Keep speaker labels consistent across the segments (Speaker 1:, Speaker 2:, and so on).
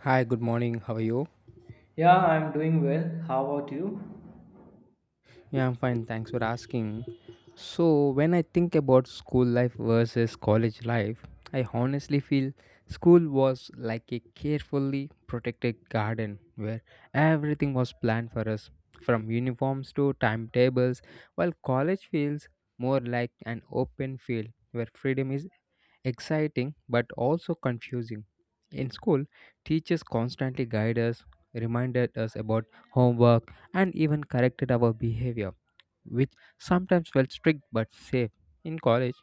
Speaker 1: Hi, good morning. How are you?
Speaker 2: Yeah, I'm doing well. How about you?
Speaker 1: Yeah, I'm fine. Thanks for asking. So, when I think about school life versus college life, I honestly feel school was like a carefully protected garden where everything was planned for us from uniforms to timetables, while college feels more like an open field where freedom is exciting but also confusing. In school, teachers constantly guide us, reminded us about homework, and even corrected our behavior, which sometimes felt strict but safe. In college,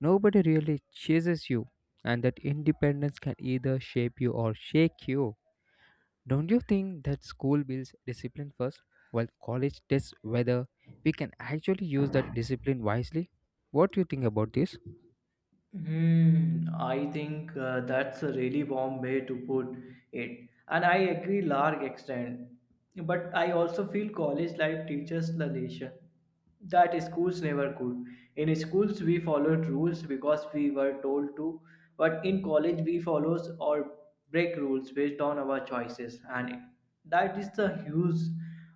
Speaker 1: nobody really chases you, and that independence can either shape you or shake you. Don't you think that school builds discipline first, while college tests whether we can actually use that discipline wisely? What do you think about this?
Speaker 2: I think that's a really warm way to put it, and I agree large extent. But I also feel college life teaches the lesson that schools never could. In schools, we followed rules because we were told to, but in college, we follow or break rules based on our choices, and that is the huge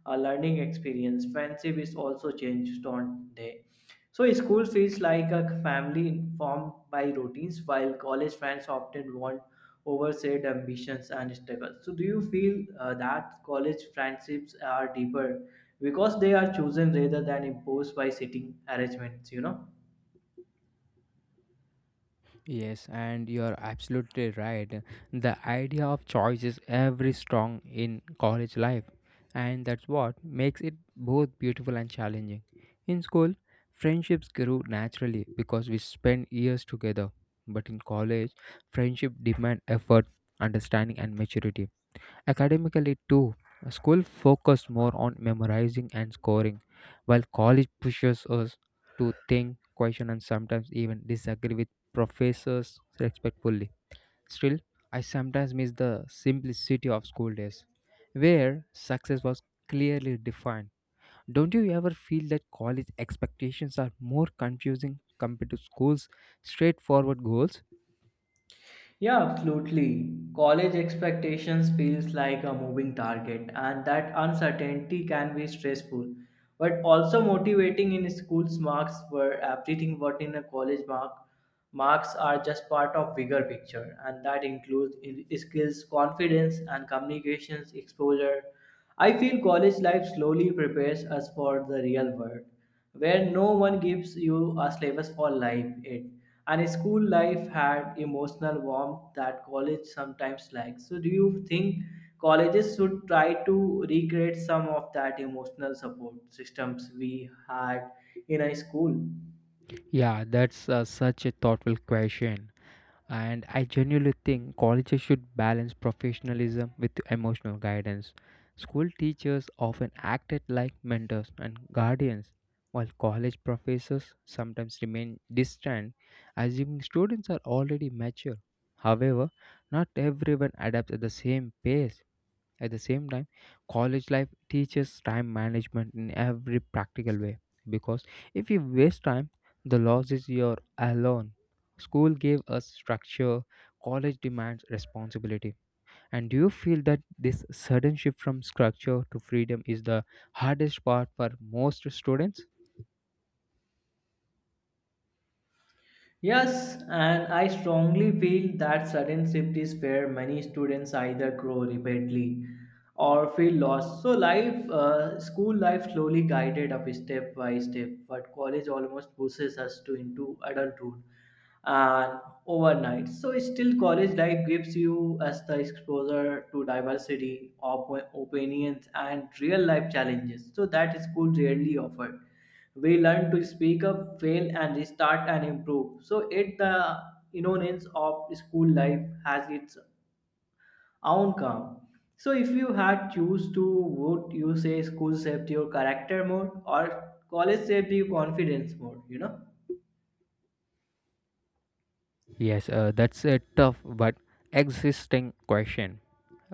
Speaker 2: learning experience. Friendship is also changed on day. So school feels like a family formed by routines, while college friends often want oversaid ambitions and struggles. So do you feel that college friendships are deeper because they are chosen rather than imposed by sitting arrangements?
Speaker 1: Yes, and you're absolutely right. The idea of choice is every strong in college life, and that's what makes it both beautiful and challenging. In school, friendships grew naturally because we spent years together, but in college, friendship demand effort, understanding, and maturity. Academically, too, school focused more on memorizing and scoring, while college pushes us to think, question, and sometimes even disagree with professors respectfully. Still, I sometimes miss the simplicity of school days, where success was clearly defined. Don't you ever feel that college expectations are more confusing compared to school's straightforward goals?
Speaker 2: Yeah, absolutely. College expectations feels like a moving target, and that uncertainty can be stressful but also motivating. In school's, marks were everything. What in a college, marks are just part of bigger picture, and that includes skills, confidence, and communications exposure. I feel college life slowly prepares us for the real world, where no one gives you a syllabus for life it. And school life had emotional warmth that college sometimes lacks. So do you think colleges should try to recreate some of that emotional support systems we had in a school?
Speaker 1: Yeah, that's such a thoughtful question. And I genuinely think colleges should balance professionalism with emotional guidance. School teachers often acted like mentors and guardians, while college professors sometimes remain distant, assuming students are already mature. However, not everyone adapts at the same pace at the same time, college life teaches time management in every practical way because if you waste time, the loss is your alone. School gave us structure, college demands responsibility. And do you feel that this sudden shift from structure to freedom is the hardest part for most students?
Speaker 2: Yes, and I strongly feel that sudden shift is where many students either grow rapidly or feel lost. So life, school life slowly guided up step by step, but college almost pushes us to into adulthood and overnight. So still, college life gives you as the exposure to diversity of opinions and real life challenges. So that school rarely offered, we learn to speak up, fail and restart and improve, so it the innocence of school life has its own charm. So if you had choose to, would you say school saved your character more or college saved your confidence more, you know?
Speaker 1: Yes, that's a tough but existing question.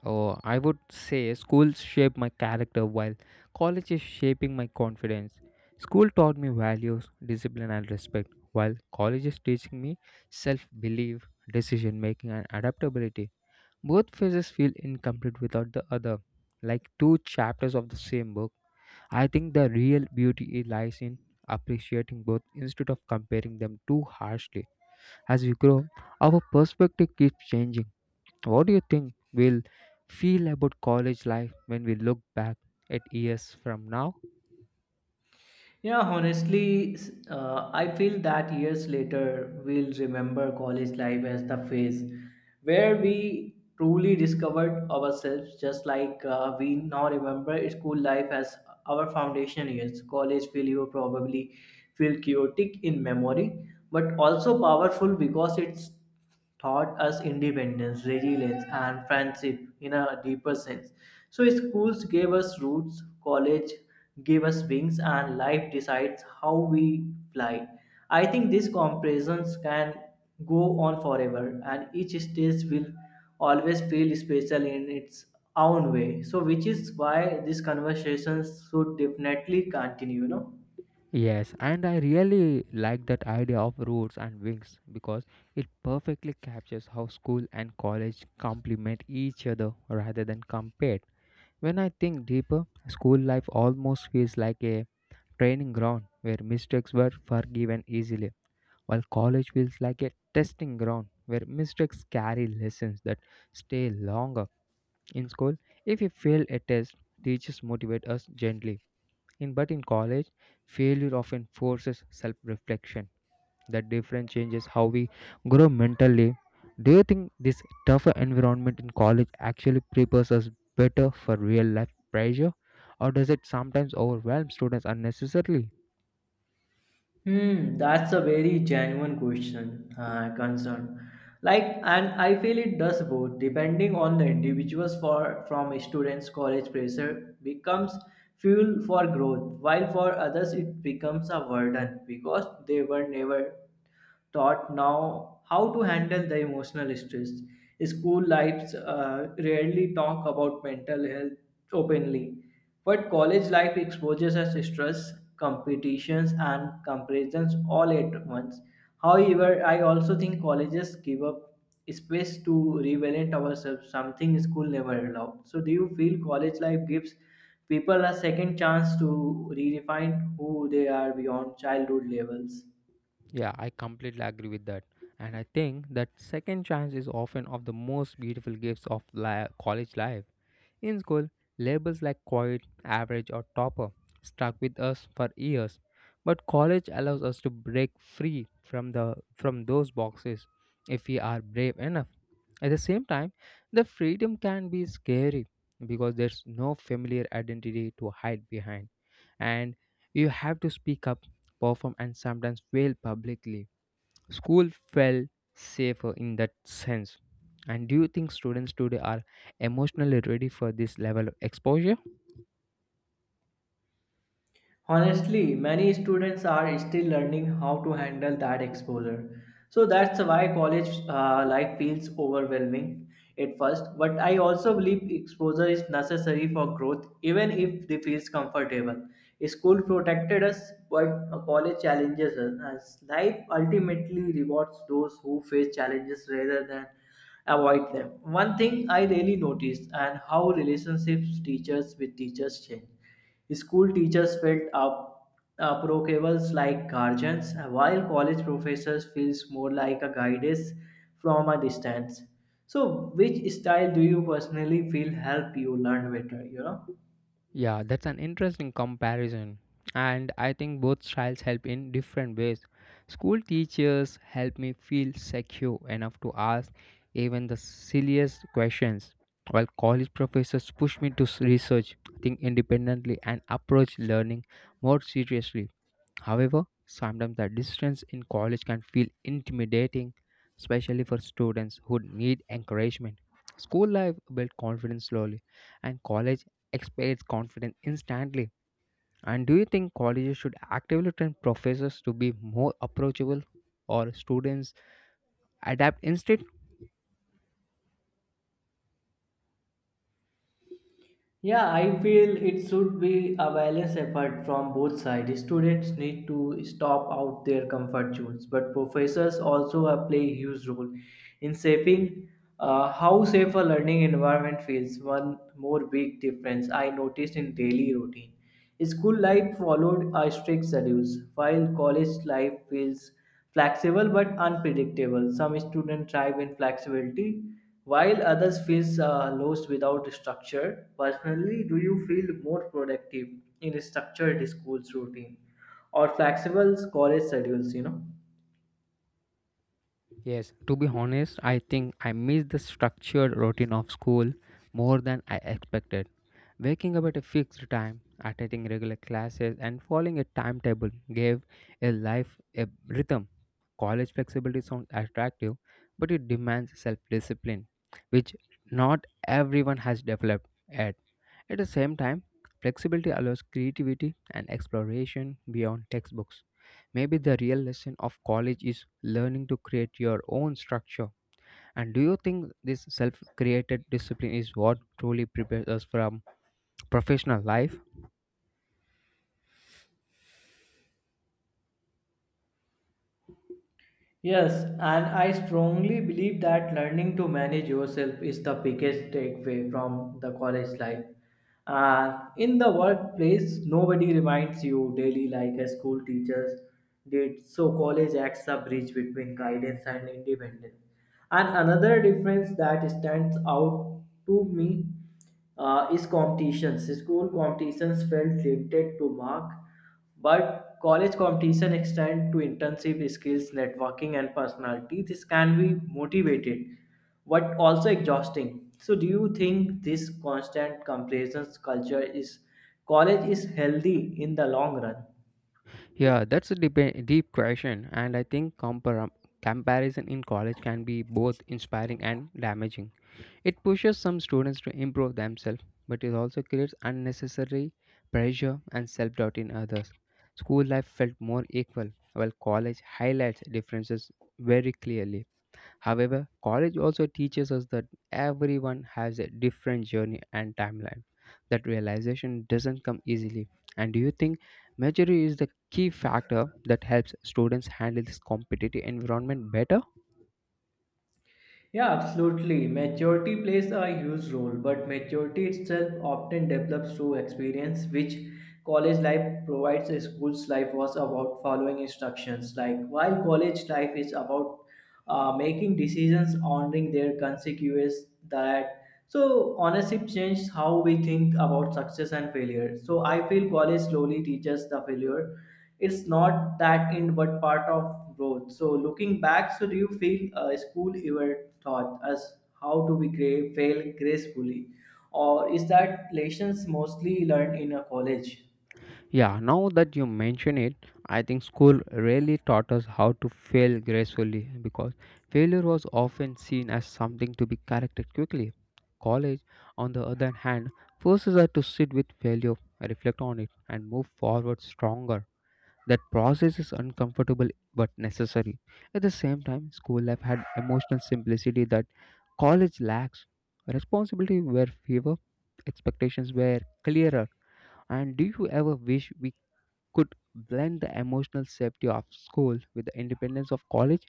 Speaker 1: Oh, I would say schools shaped my character while college is shaping my confidence. School taught me values, discipline, and respect, while college is teaching me self belief, decision making, and adaptability. Both phases feel incomplete without the other, like two chapters of the same book. I think the real beauty lies in appreciating both instead of comparing them too harshly. As we grow, our perspective keeps changing. What do you think we'll feel about college life when we look back at years from now?
Speaker 2: Yeah, honestly, I feel that years later we'll remember college life as the phase where we truly discovered ourselves, just like we now remember school life as our foundation years. College will you probably feel chaotic in memory, but also powerful because it's taught us independence, resilience, and friendship in a deeper sense. So, schools gave us roots, college gave us wings, and life decides how we fly. I think these comparisons can go on forever, and each stage will always feel special in its own way. So, which is why these conversations should definitely continue, you know.
Speaker 1: Yes, and I really like that idea of roots and wings because it perfectly captures how school and college complement each other rather than compete. When I think deeper, school life almost feels like a training ground where mistakes were forgiven easily, while college feels like a testing ground where mistakes carry lessons that stay longer. In school, if we fail a test, teachers motivate us gently. In, but in college, failure often forces self reflection. That difference changes how we grow mentally. Do you think this tougher environment in college actually prepares us better for real life pressure, or does it sometimes overwhelm students unnecessarily?
Speaker 2: That's a very genuine question, concern. Like, and I feel it does both, depending on the individuals. For from students, college pressure becomes fuel for growth, while for others it becomes a burden because they were never taught now how to handle the emotional stress. School lives rarely talk about mental health openly, but college life exposes us to stress, competitions, and comparisons all at once. However, I also think colleges give up space to revalent ourselves, something school never allowed. So, do you feel college life gives people a second chance to redefine who they are beyond childhood levels?
Speaker 1: Yeah, I completely agree with that. And I think that second chance is often of the most beautiful gifts of college life. In school, labels like quiet, average, or topper stuck with us for years. But college allows us to break free from the from those boxes if we are brave enough. At the same time, the freedom can be scary because there's no familiar identity to hide behind, and you have to speak up, perform, and sometimes fail publicly. School felt safer in that sense. And do you think students today are emotionally ready for this level of exposure?
Speaker 2: Honestly, many students are still learning how to handle that exposure. So that's why college life feels overwhelming at first. But I also believe exposure is necessary for growth, even if it feels comfortable. School protected us, but college challenges us. As life ultimately rewards those who face challenges rather than avoid them. One thing I really noticed and how relationships teachers with teachers change. School teachers felt up, approachables like guardians, while college professors feels more like a guidance from a distance. So, which style do you personally feel help you learn better, you know?
Speaker 1: Yeah, that's an interesting comparison. And I think both styles help in different ways. School teachers help me feel secure enough to ask even the silliest questions, while college professors push me to research, think independently, and approach learning more seriously. However, sometimes the distance in college can feel intimidating, especially for students who need encouragement. School life builds confidence slowly, and college expands confidence instantly. And do you think colleges should actively train professors to be more approachable, or students adapt instead?
Speaker 2: Yeah, I feel it should be a balanced effort from both sides. Students need to stop out their comfort zones, but professors also play a huge role in shaping how safe a learning environment feels. One more big difference I noticed in daily routine. School life followed a strict schedule, while college life feels flexible but unpredictable. Some students thrive in flexibility, while others feel lost without structure. Personally, do you feel more productive in a structured school's routine or flexible college schedules, you know?
Speaker 1: Yes, to be honest, I think I miss the structured routine of school more than I expected. Waking up at a fixed time, attending regular classes, and following a timetable gave a life a rhythm. College flexibility sounds attractive, but it demands self discipline, which not everyone has developed yet. At the same time, flexibility allows creativity and exploration beyond textbooks. Maybe the real lesson of college is learning to create your own structure. And do you think this self created discipline is what truly prepares us from professional life?
Speaker 2: Yes, and I strongly believe that learning to manage yourself is the biggest takeaway from the college life. And in the workplace, nobody reminds you daily like a school teachers did. So college acts a bridge between guidance and independence. And another difference that stands out to me is competitions. School competitions felt limited to mark, but college competition extend to internship skills, networking, and personality. This can be motivated, but also exhausting. So, do you think this constant comparisons culture is college is healthy in the long run?
Speaker 1: Yeah, that's a deep, deep question, and I think comparison in college can be both inspiring and damaging. It pushes some students to improve themselves, but it also creates unnecessary pressure and self doubt in others. School life felt more equal, while college highlights differences very clearly. However, college also teaches us that everyone has a different journey and timeline. That realization doesn't come easily. And do you think maturity is the key factor that helps students handle this competitive environment better?
Speaker 2: Yeah, absolutely. Maturity plays a huge role, but maturity itself often develops through experience, which college life provides. School's life was about following instructions. Like while college life is about making decisions, honoring their consequences, that so ownership changed how we think about success and failure. So I feel college slowly teaches the failure. It's not that end, but part of growth. So looking back, so do you feel school ever taught us how to be great, fail gracefully, or is that lessons mostly learned in a college?
Speaker 1: Yeah, now that you mention it, I think school really taught us how to fail gracefully because failure was often seen as something to be corrected quickly. College, on the other hand, forces us to sit with failure, reflect on it, and move forward stronger. That process is uncomfortable but necessary. At the same time, school life had emotional simplicity that college lacks. Responsibility were fewer, expectations were clearer. And do you ever wish we could blend the emotional safety of school with the independence of college?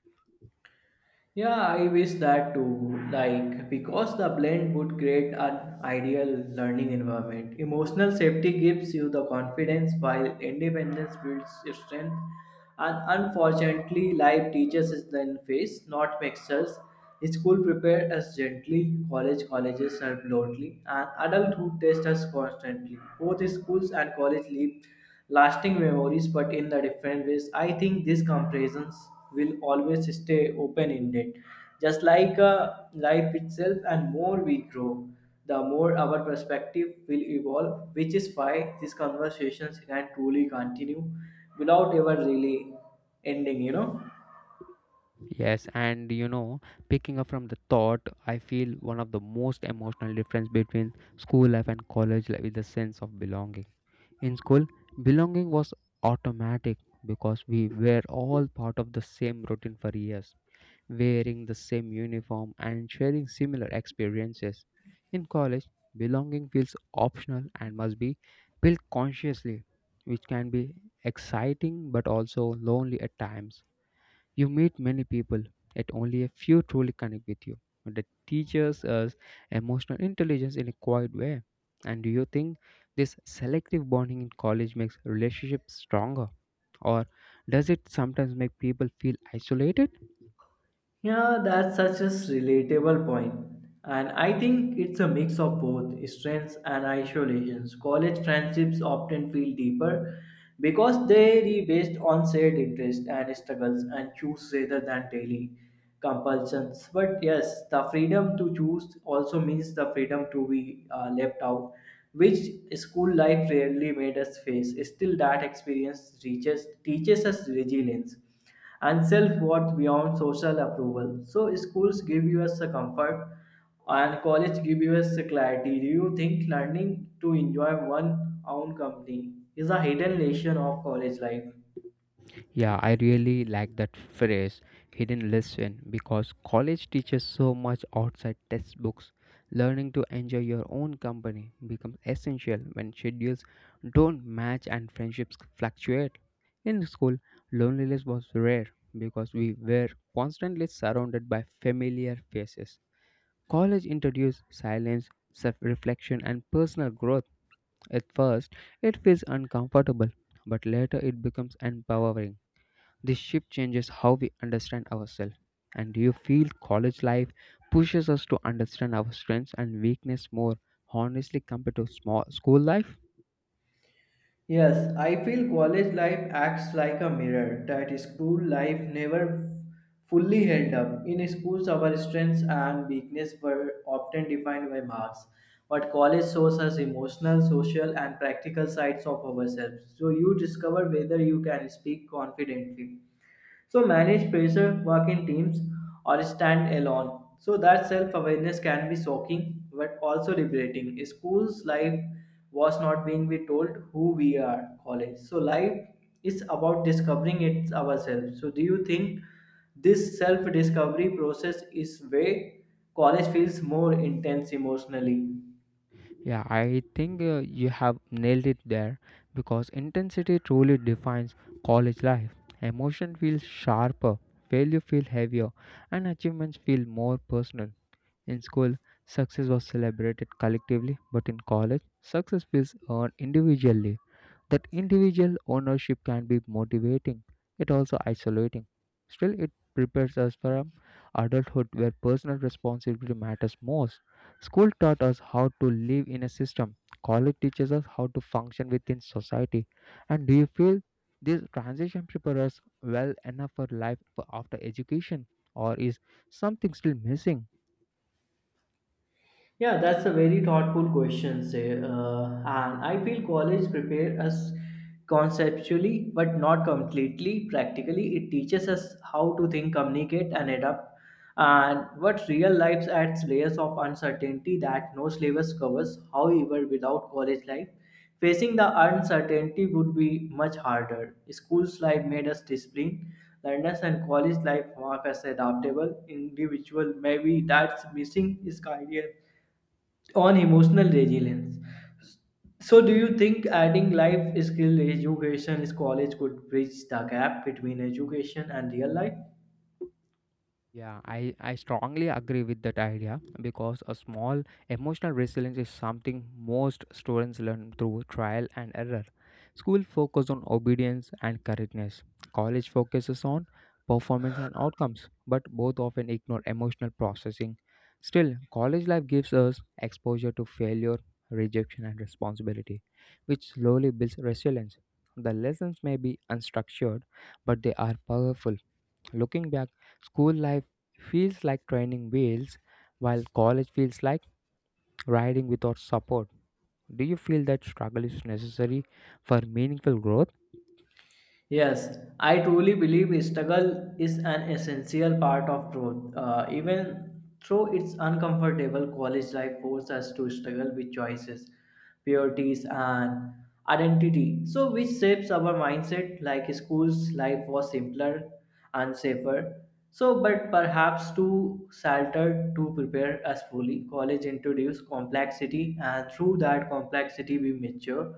Speaker 2: Yeah, I wish that too. Like, because the blend would create an ideal learning environment. Emotional safety gives you the confidence while independence builds your strength. And unfortunately, life teaches us the face, not mixers. School prepare us gently, college colleges are bluntly, and adulthood test us constantly. Both schools and college leave lasting memories but in the different ways. I think these comparisons will always stay open ended. Just like life itself, and more we grow, the more our perspective will evolve, which is why these conversations can truly continue without ever really ending, you know.
Speaker 1: Yes, and you know, picking up from the thought, I feel one of the most emotional difference between school life and college life is the sense of belonging. In school, belonging was automatic because we were all part of the same routine for years, wearing the same uniform, and sharing similar experiences. In college, belonging feels optional and must be built consciously, which can be exciting but also lonely at times. You meet many people, yet only a few truly connect with you. That teaches us emotional intelligence in a quiet way. And do you think this selective bonding in college makes relationships stronger? Or does it sometimes make people feel isolated?
Speaker 2: Yeah, that's such a relatable point. And I think it's a mix of both strengths and isolations. College friendships often feel deeper because they are based on shared interests and struggles and choose rather than daily compulsions. But yes, the freedom to choose also means the freedom to be left out, which school life rarely made us face. Still, that experience reaches, teaches us resilience and self-worth beyond social approval. So schools give you us a comfort, and college give you us a clarity. Do you think learning to enjoy one own company is a hidden lesson of college life?
Speaker 1: Yeah, I really like that phrase, hidden lesson, because college teaches so much outside textbooks. Learning to enjoy your own company becomes essential when schedules don't match and friendships fluctuate. In school, loneliness was rare because we were constantly surrounded by familiar faces. College introduced silence, self reflection, and personal growth. At first, it feels uncomfortable, but later it becomes empowering. This shift changes how we understand ourselves. And do you feel college life pushes us to understand our strengths and weakness more honestly compared to small school life?
Speaker 2: Yes, I feel college life acts like a mirror that school life never fully held up. In schools, our strengths and weaknesses were often defined by marks, but college shows us emotional, social, and practical sides of ourselves. So you discover whether you can speak confidently, so manage pressure, work in teams, or stand alone. So that self-awareness can be shocking but also liberating. School's life was not being we told who we are. College. So life is about discovering it ourselves. So do you think this self-discovery process is way college feels more intense emotionally?
Speaker 1: Yeah, I think you have nailed it there because intensity truly defines college life. Emotion feels sharper, failure feels heavier, and achievements feel more personal. In school, success was celebrated collectively, but in college, success feels earned individually. That individual ownership can be motivating, it also isolating. Still, it prepares us for adulthood where personal responsibility matters most. School taught us how to live in a system, college teaches us how to function within society. And do you feel this transition prepares us well enough for life for after education, or is something still missing?
Speaker 2: Yeah, that's a very thoughtful question, say, and I feel college prepare us conceptually, but not completely. Practically, it teaches us how to think, communicate, and adapt. And what real life adds layers of uncertainty that no syllabus covers. However, without college life, facing the uncertainty would be much harder. School's life made us disciplined. Learners and college life mark us adaptable individual. Maybe that's missing is career on emotional resilience. So, do you think adding life skill education is college could bridge the gap between education and real life?
Speaker 1: Yeah, I strongly agree with that idea because a small emotional resilience is something most students learn through trial and error. School focuses on obedience and correctness. College focuses on performance and outcomes, but both often ignore emotional processing. Still, college life gives us exposure to failure, rejection, and responsibility, which slowly builds resilience. The lessons may be unstructured, but they are powerful. Looking back, school life feels like training wheels, while college feels like riding without support. Do you feel that struggle is necessary for meaningful growth?
Speaker 2: Yes, I truly believe struggle is an essential part of growth. Even though it's uncomfortable, college life forces us to struggle with choices, priorities, and identity. So, which shapes our mindset. Like school's life was simpler and safer. So, but perhaps too sheltered to prepare us fully. College introduced complexity, and through that complexity, we mature.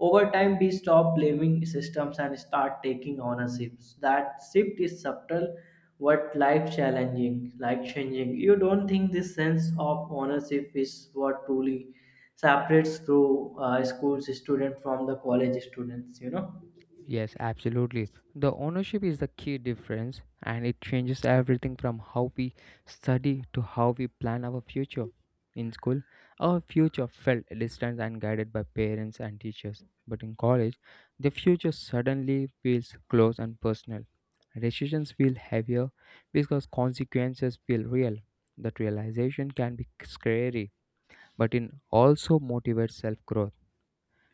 Speaker 2: Over time, we stop blaming systems and start taking ownership. That shift is subtle, but life challenging, life changing. You don't think this sense of ownership is what truly separates through schools student from the college students, you know?
Speaker 1: Yes, absolutely. The ownership is the key difference and it changes everything from how we study to how we plan our future. In school, our future felt distant and guided by parents and teachers. But in college, the future suddenly feels close and personal. Decisions feel heavier because consequences feel real. That realization can be scary, but it also motivates self growth.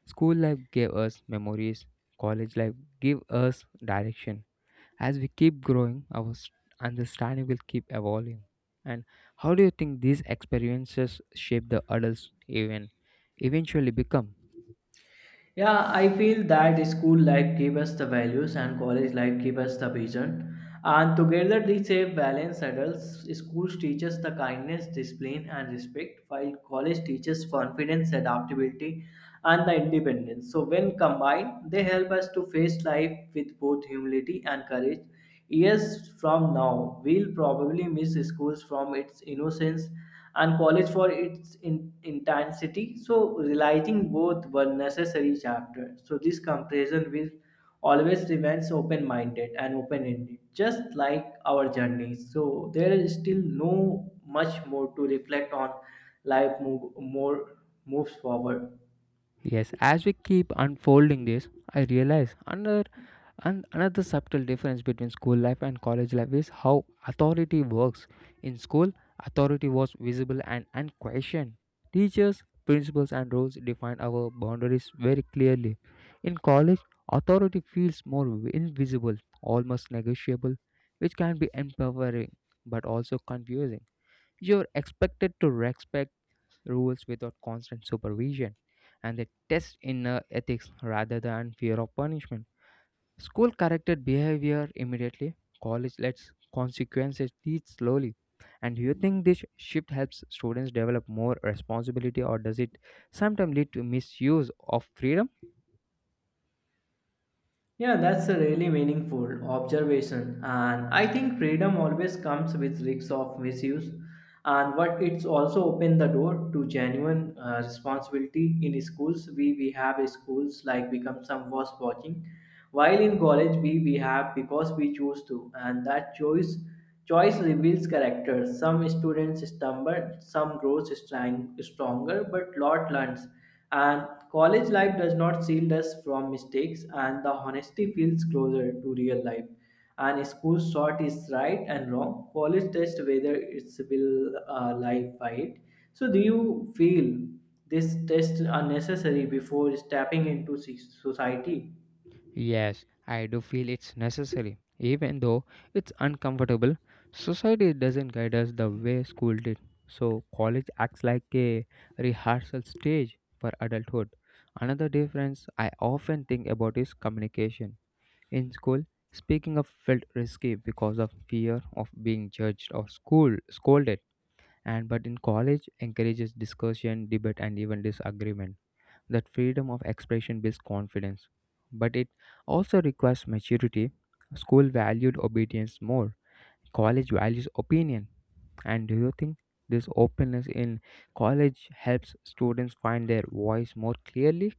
Speaker 1: School life gave us memories, college life gave us direction. As we keep growing, our understanding will keep evolving. And how do you think these experiences shape the adults even eventually become?
Speaker 2: Yeah, I feel that school life gave us the values and college life gave us the vision. And together they shape balance adults. Schools teaches the kindness, discipline and respect, while college teaches confidence, adaptability and the independence. So when combined, they help us to face life with both humility and courage. Years from now, we'll probably miss schools from its innocence and college for its intensity. So realizing both were necessary chapters. So this comparison will always remains open-minded and open-ended, just like our journey. So there is still no much more to reflect on. Life moves forward.
Speaker 1: Yes, as we keep unfolding this, I realize another subtle difference between school life and college life is how authority works. In school, authority was visible and unquestioned. Teachers, principles, and rules define our boundaries very clearly. In college, authority feels more invisible, almost negotiable, which can be empowering but also confusing. You're expected to respect rules without constant supervision, and they test inner ethics rather than fear of punishment. School corrected behavior immediately, college lets consequences teach slowly. And do you think this shift helps students develop more responsibility, or does it sometimes lead to misuse of freedom?
Speaker 2: Yeah, that's a really meaningful observation, and I think freedom always comes with risks of misuse, and what it's also opened the door to genuine responsibility. In schools, we have schools like become some was watching, while in college we have because we choose to, and that choice. Choice reveals character. Some students stumble, some grows stronger, but lot learns. And college life does not shield us from mistakes, and the honesty feels closer to real life. And school short is right and wrong. College test whether it's will life by it. So, do you feel this test unnecessary before stepping into society?
Speaker 1: Yes, I do feel it's necessary. Even though it's uncomfortable, society doesn't guide us the way school did. So, college acts like a rehearsal stage for adulthood. Another difference I often think about is communication. In school, speaking up felt risky because of fear of being judged or school scolded. And but in college encourages discussion, debate and even disagreement. That freedom of expression builds confidence, but it also requires maturity. School valued obedience more, college values opinion. And do you think this openness in college helps students find their voice more clearly?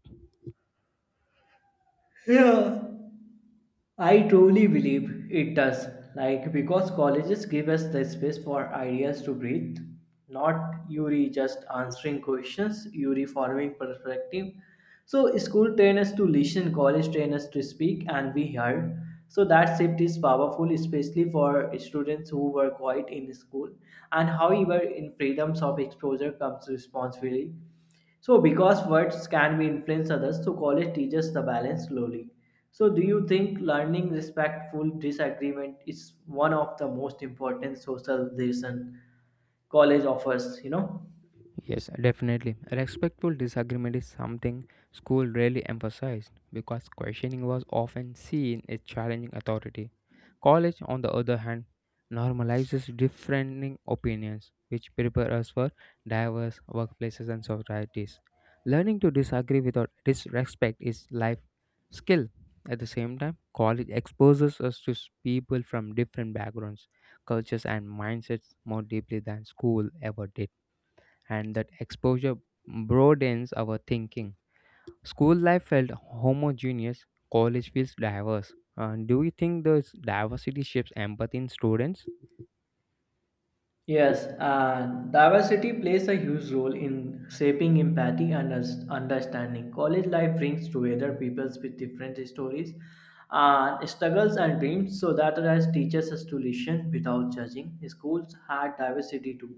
Speaker 2: Yeah. I truly believe it does. Like, because colleges give us the space for ideas to breathe, not Yuri just answering questions, Yuri forming perspective. So, school train us to listen, college train us to speak, and we heard. So, that shift is powerful, especially for students who were quiet in school. And however, in freedoms of exposure comes responsibility. So, because words can be influence others, so college teaches the balance slowly. So, do you think learning respectful disagreement is one of the most important social lesson college offers, you know?
Speaker 1: Yes, definitely. Respectful disagreement is something school rarely emphasized because questioning was often seen as challenging authority. College, on the other hand, normalizes differing opinions, which prepare us for diverse workplaces and societies. Learning to disagree without disrespect is life skill. At the same time, college exposes us to s- people from different backgrounds, cultures, and mindsets more deeply than school ever did and that exposure broadens our thinking. School life felt homogeneous, college feels diverse. Do you think this diversity shapes empathy in students?
Speaker 2: Yes, and diversity plays a huge role in shaping empathy and understanding. College life brings together people with different stories and struggles and dreams so that it teaches us to listen without judging. Schools had diversity too,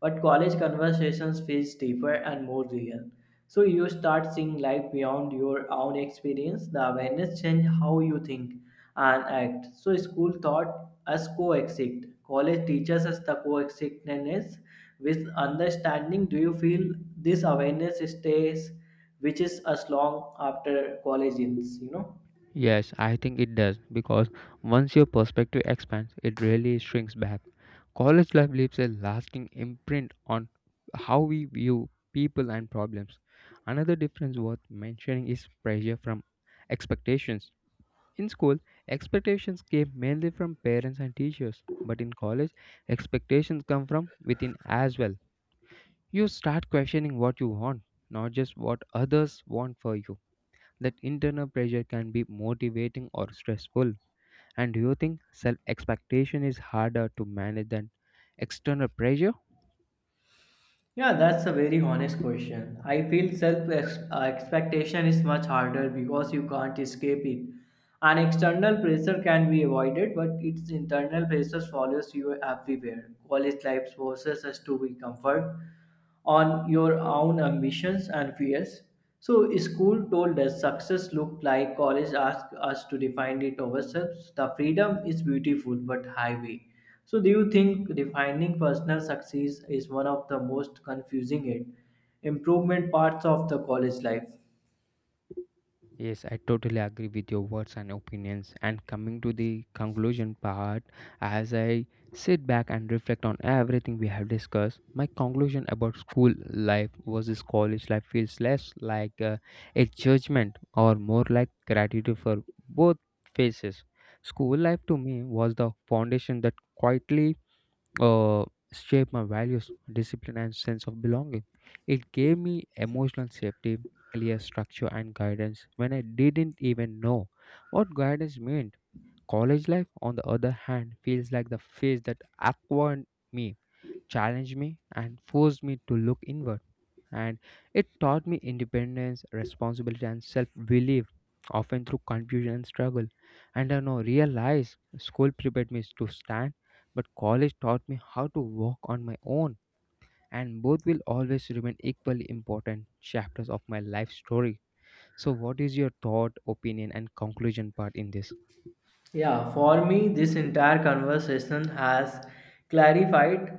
Speaker 2: but college conversations feels deeper and more real. So you start seeing life beyond your own experience. The awareness change how you think and act. So school taught us coexist. College teaches us the coexistence with understanding. Do you feel this awareness stays, which is as long after college ends, you know?
Speaker 1: Yes, I think it does because once your perspective expands, it really shrinks back. College life leaves a lasting imprint on how we view people and problems. Another difference worth mentioning is pressure from expectations. In school, expectations came mainly from parents and teachers, but in college, expectations come from within as well. You start questioning what you want, not just what others want for you. That internal pressure can be motivating or stressful. And do you think self expectation is harder to manage than external pressure?
Speaker 2: Yeah, that's a very honest question. I feel self expectation is much harder because you can't escape it. An external pressure can be avoided, but its internal pressure follows you everywhere. College life forces us to be comfort on your own ambitions and fears. So, school told us success looked like, college asked us to define it ourselves. The freedom is beautiful but highway. So, do you think defining personal success is one of the most confusing and improvement parts of the college life?
Speaker 1: Yes, I totally agree with your words and opinions. And coming to the conclusion part, as I sit back and reflect on everything we have discussed, my conclusion about school life versus college life feels less like a judgment or more like gratitude for both phases. School life to me was the foundation that quietly uh, shaped my values, discipline, and sense of belonging. It gave me emotional safety, clear structure, and guidance when I didn't even know what guidance meant. College life, on the other hand, feels like the phase that acquired me challenged me and forced me to look inward. And it taught me independence, responsibility, and self belief, often through confusion and struggle. And I now realize school prepared me to stand, but college taught me how to walk on my own. And both will always remain equally important chapters of my life story. So, what is your thought, opinion, and conclusion part in this?
Speaker 2: Yeah, for me, this entire conversation has clarified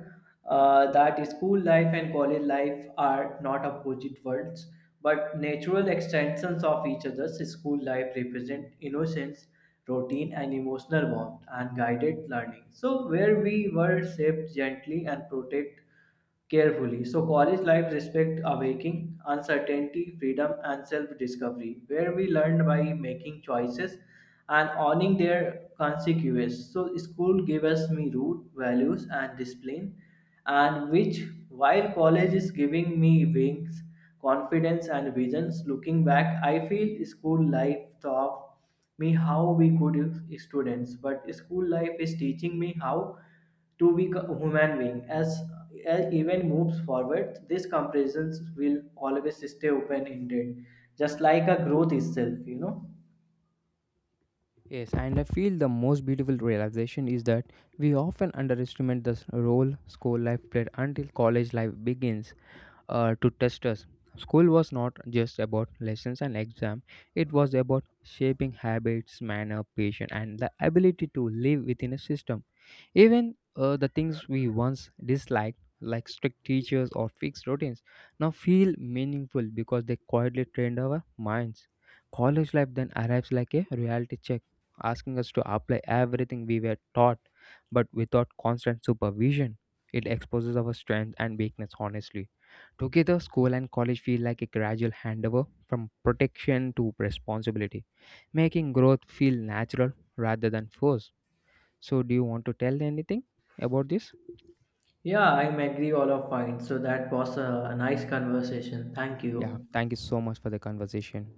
Speaker 2: that school life and college life are not opposite worlds but natural extensions of each other's. School life represent innocence, routine, and emotional warmth, and guided learning, so where we were shaped gently and protected carefully. So, college life respect awaking, uncertainty, freedom, and self discovery, where we learn by making choices and owning their consequences. So, school gave us me root, values, and discipline, and which while college is giving me wings, confidence, and visions. Looking back, I feel school life taught me how we good students, but school life is teaching me how to be a human being as even moves forward. These comparisons will always stay open ended, just like a growth itself, you know.
Speaker 1: Yes, and I feel the most beautiful realization is that we often underestimate the s- role school life played until college life begins to test us. School was not just about lessons and exam; it was about shaping habits, manner, patience, and the ability to live within a system. Even the things we once disliked, like strict teachers or fixed routines, now feel meaningful because they quietly trained our minds. College life then arrives like a reality check, asking us to apply everything we were taught, but without constant supervision. It exposes our strengths and weakness honestly. Together, school and college feel like a gradual handover from protection to responsibility, making growth feel natural rather than forced. So, do you want to tell anything about this?
Speaker 2: Yeah, I'm agree all of mine, so that was a nice conversation. Thank
Speaker 1: Yeah,
Speaker 2: you.
Speaker 1: thank you so much for the conversation.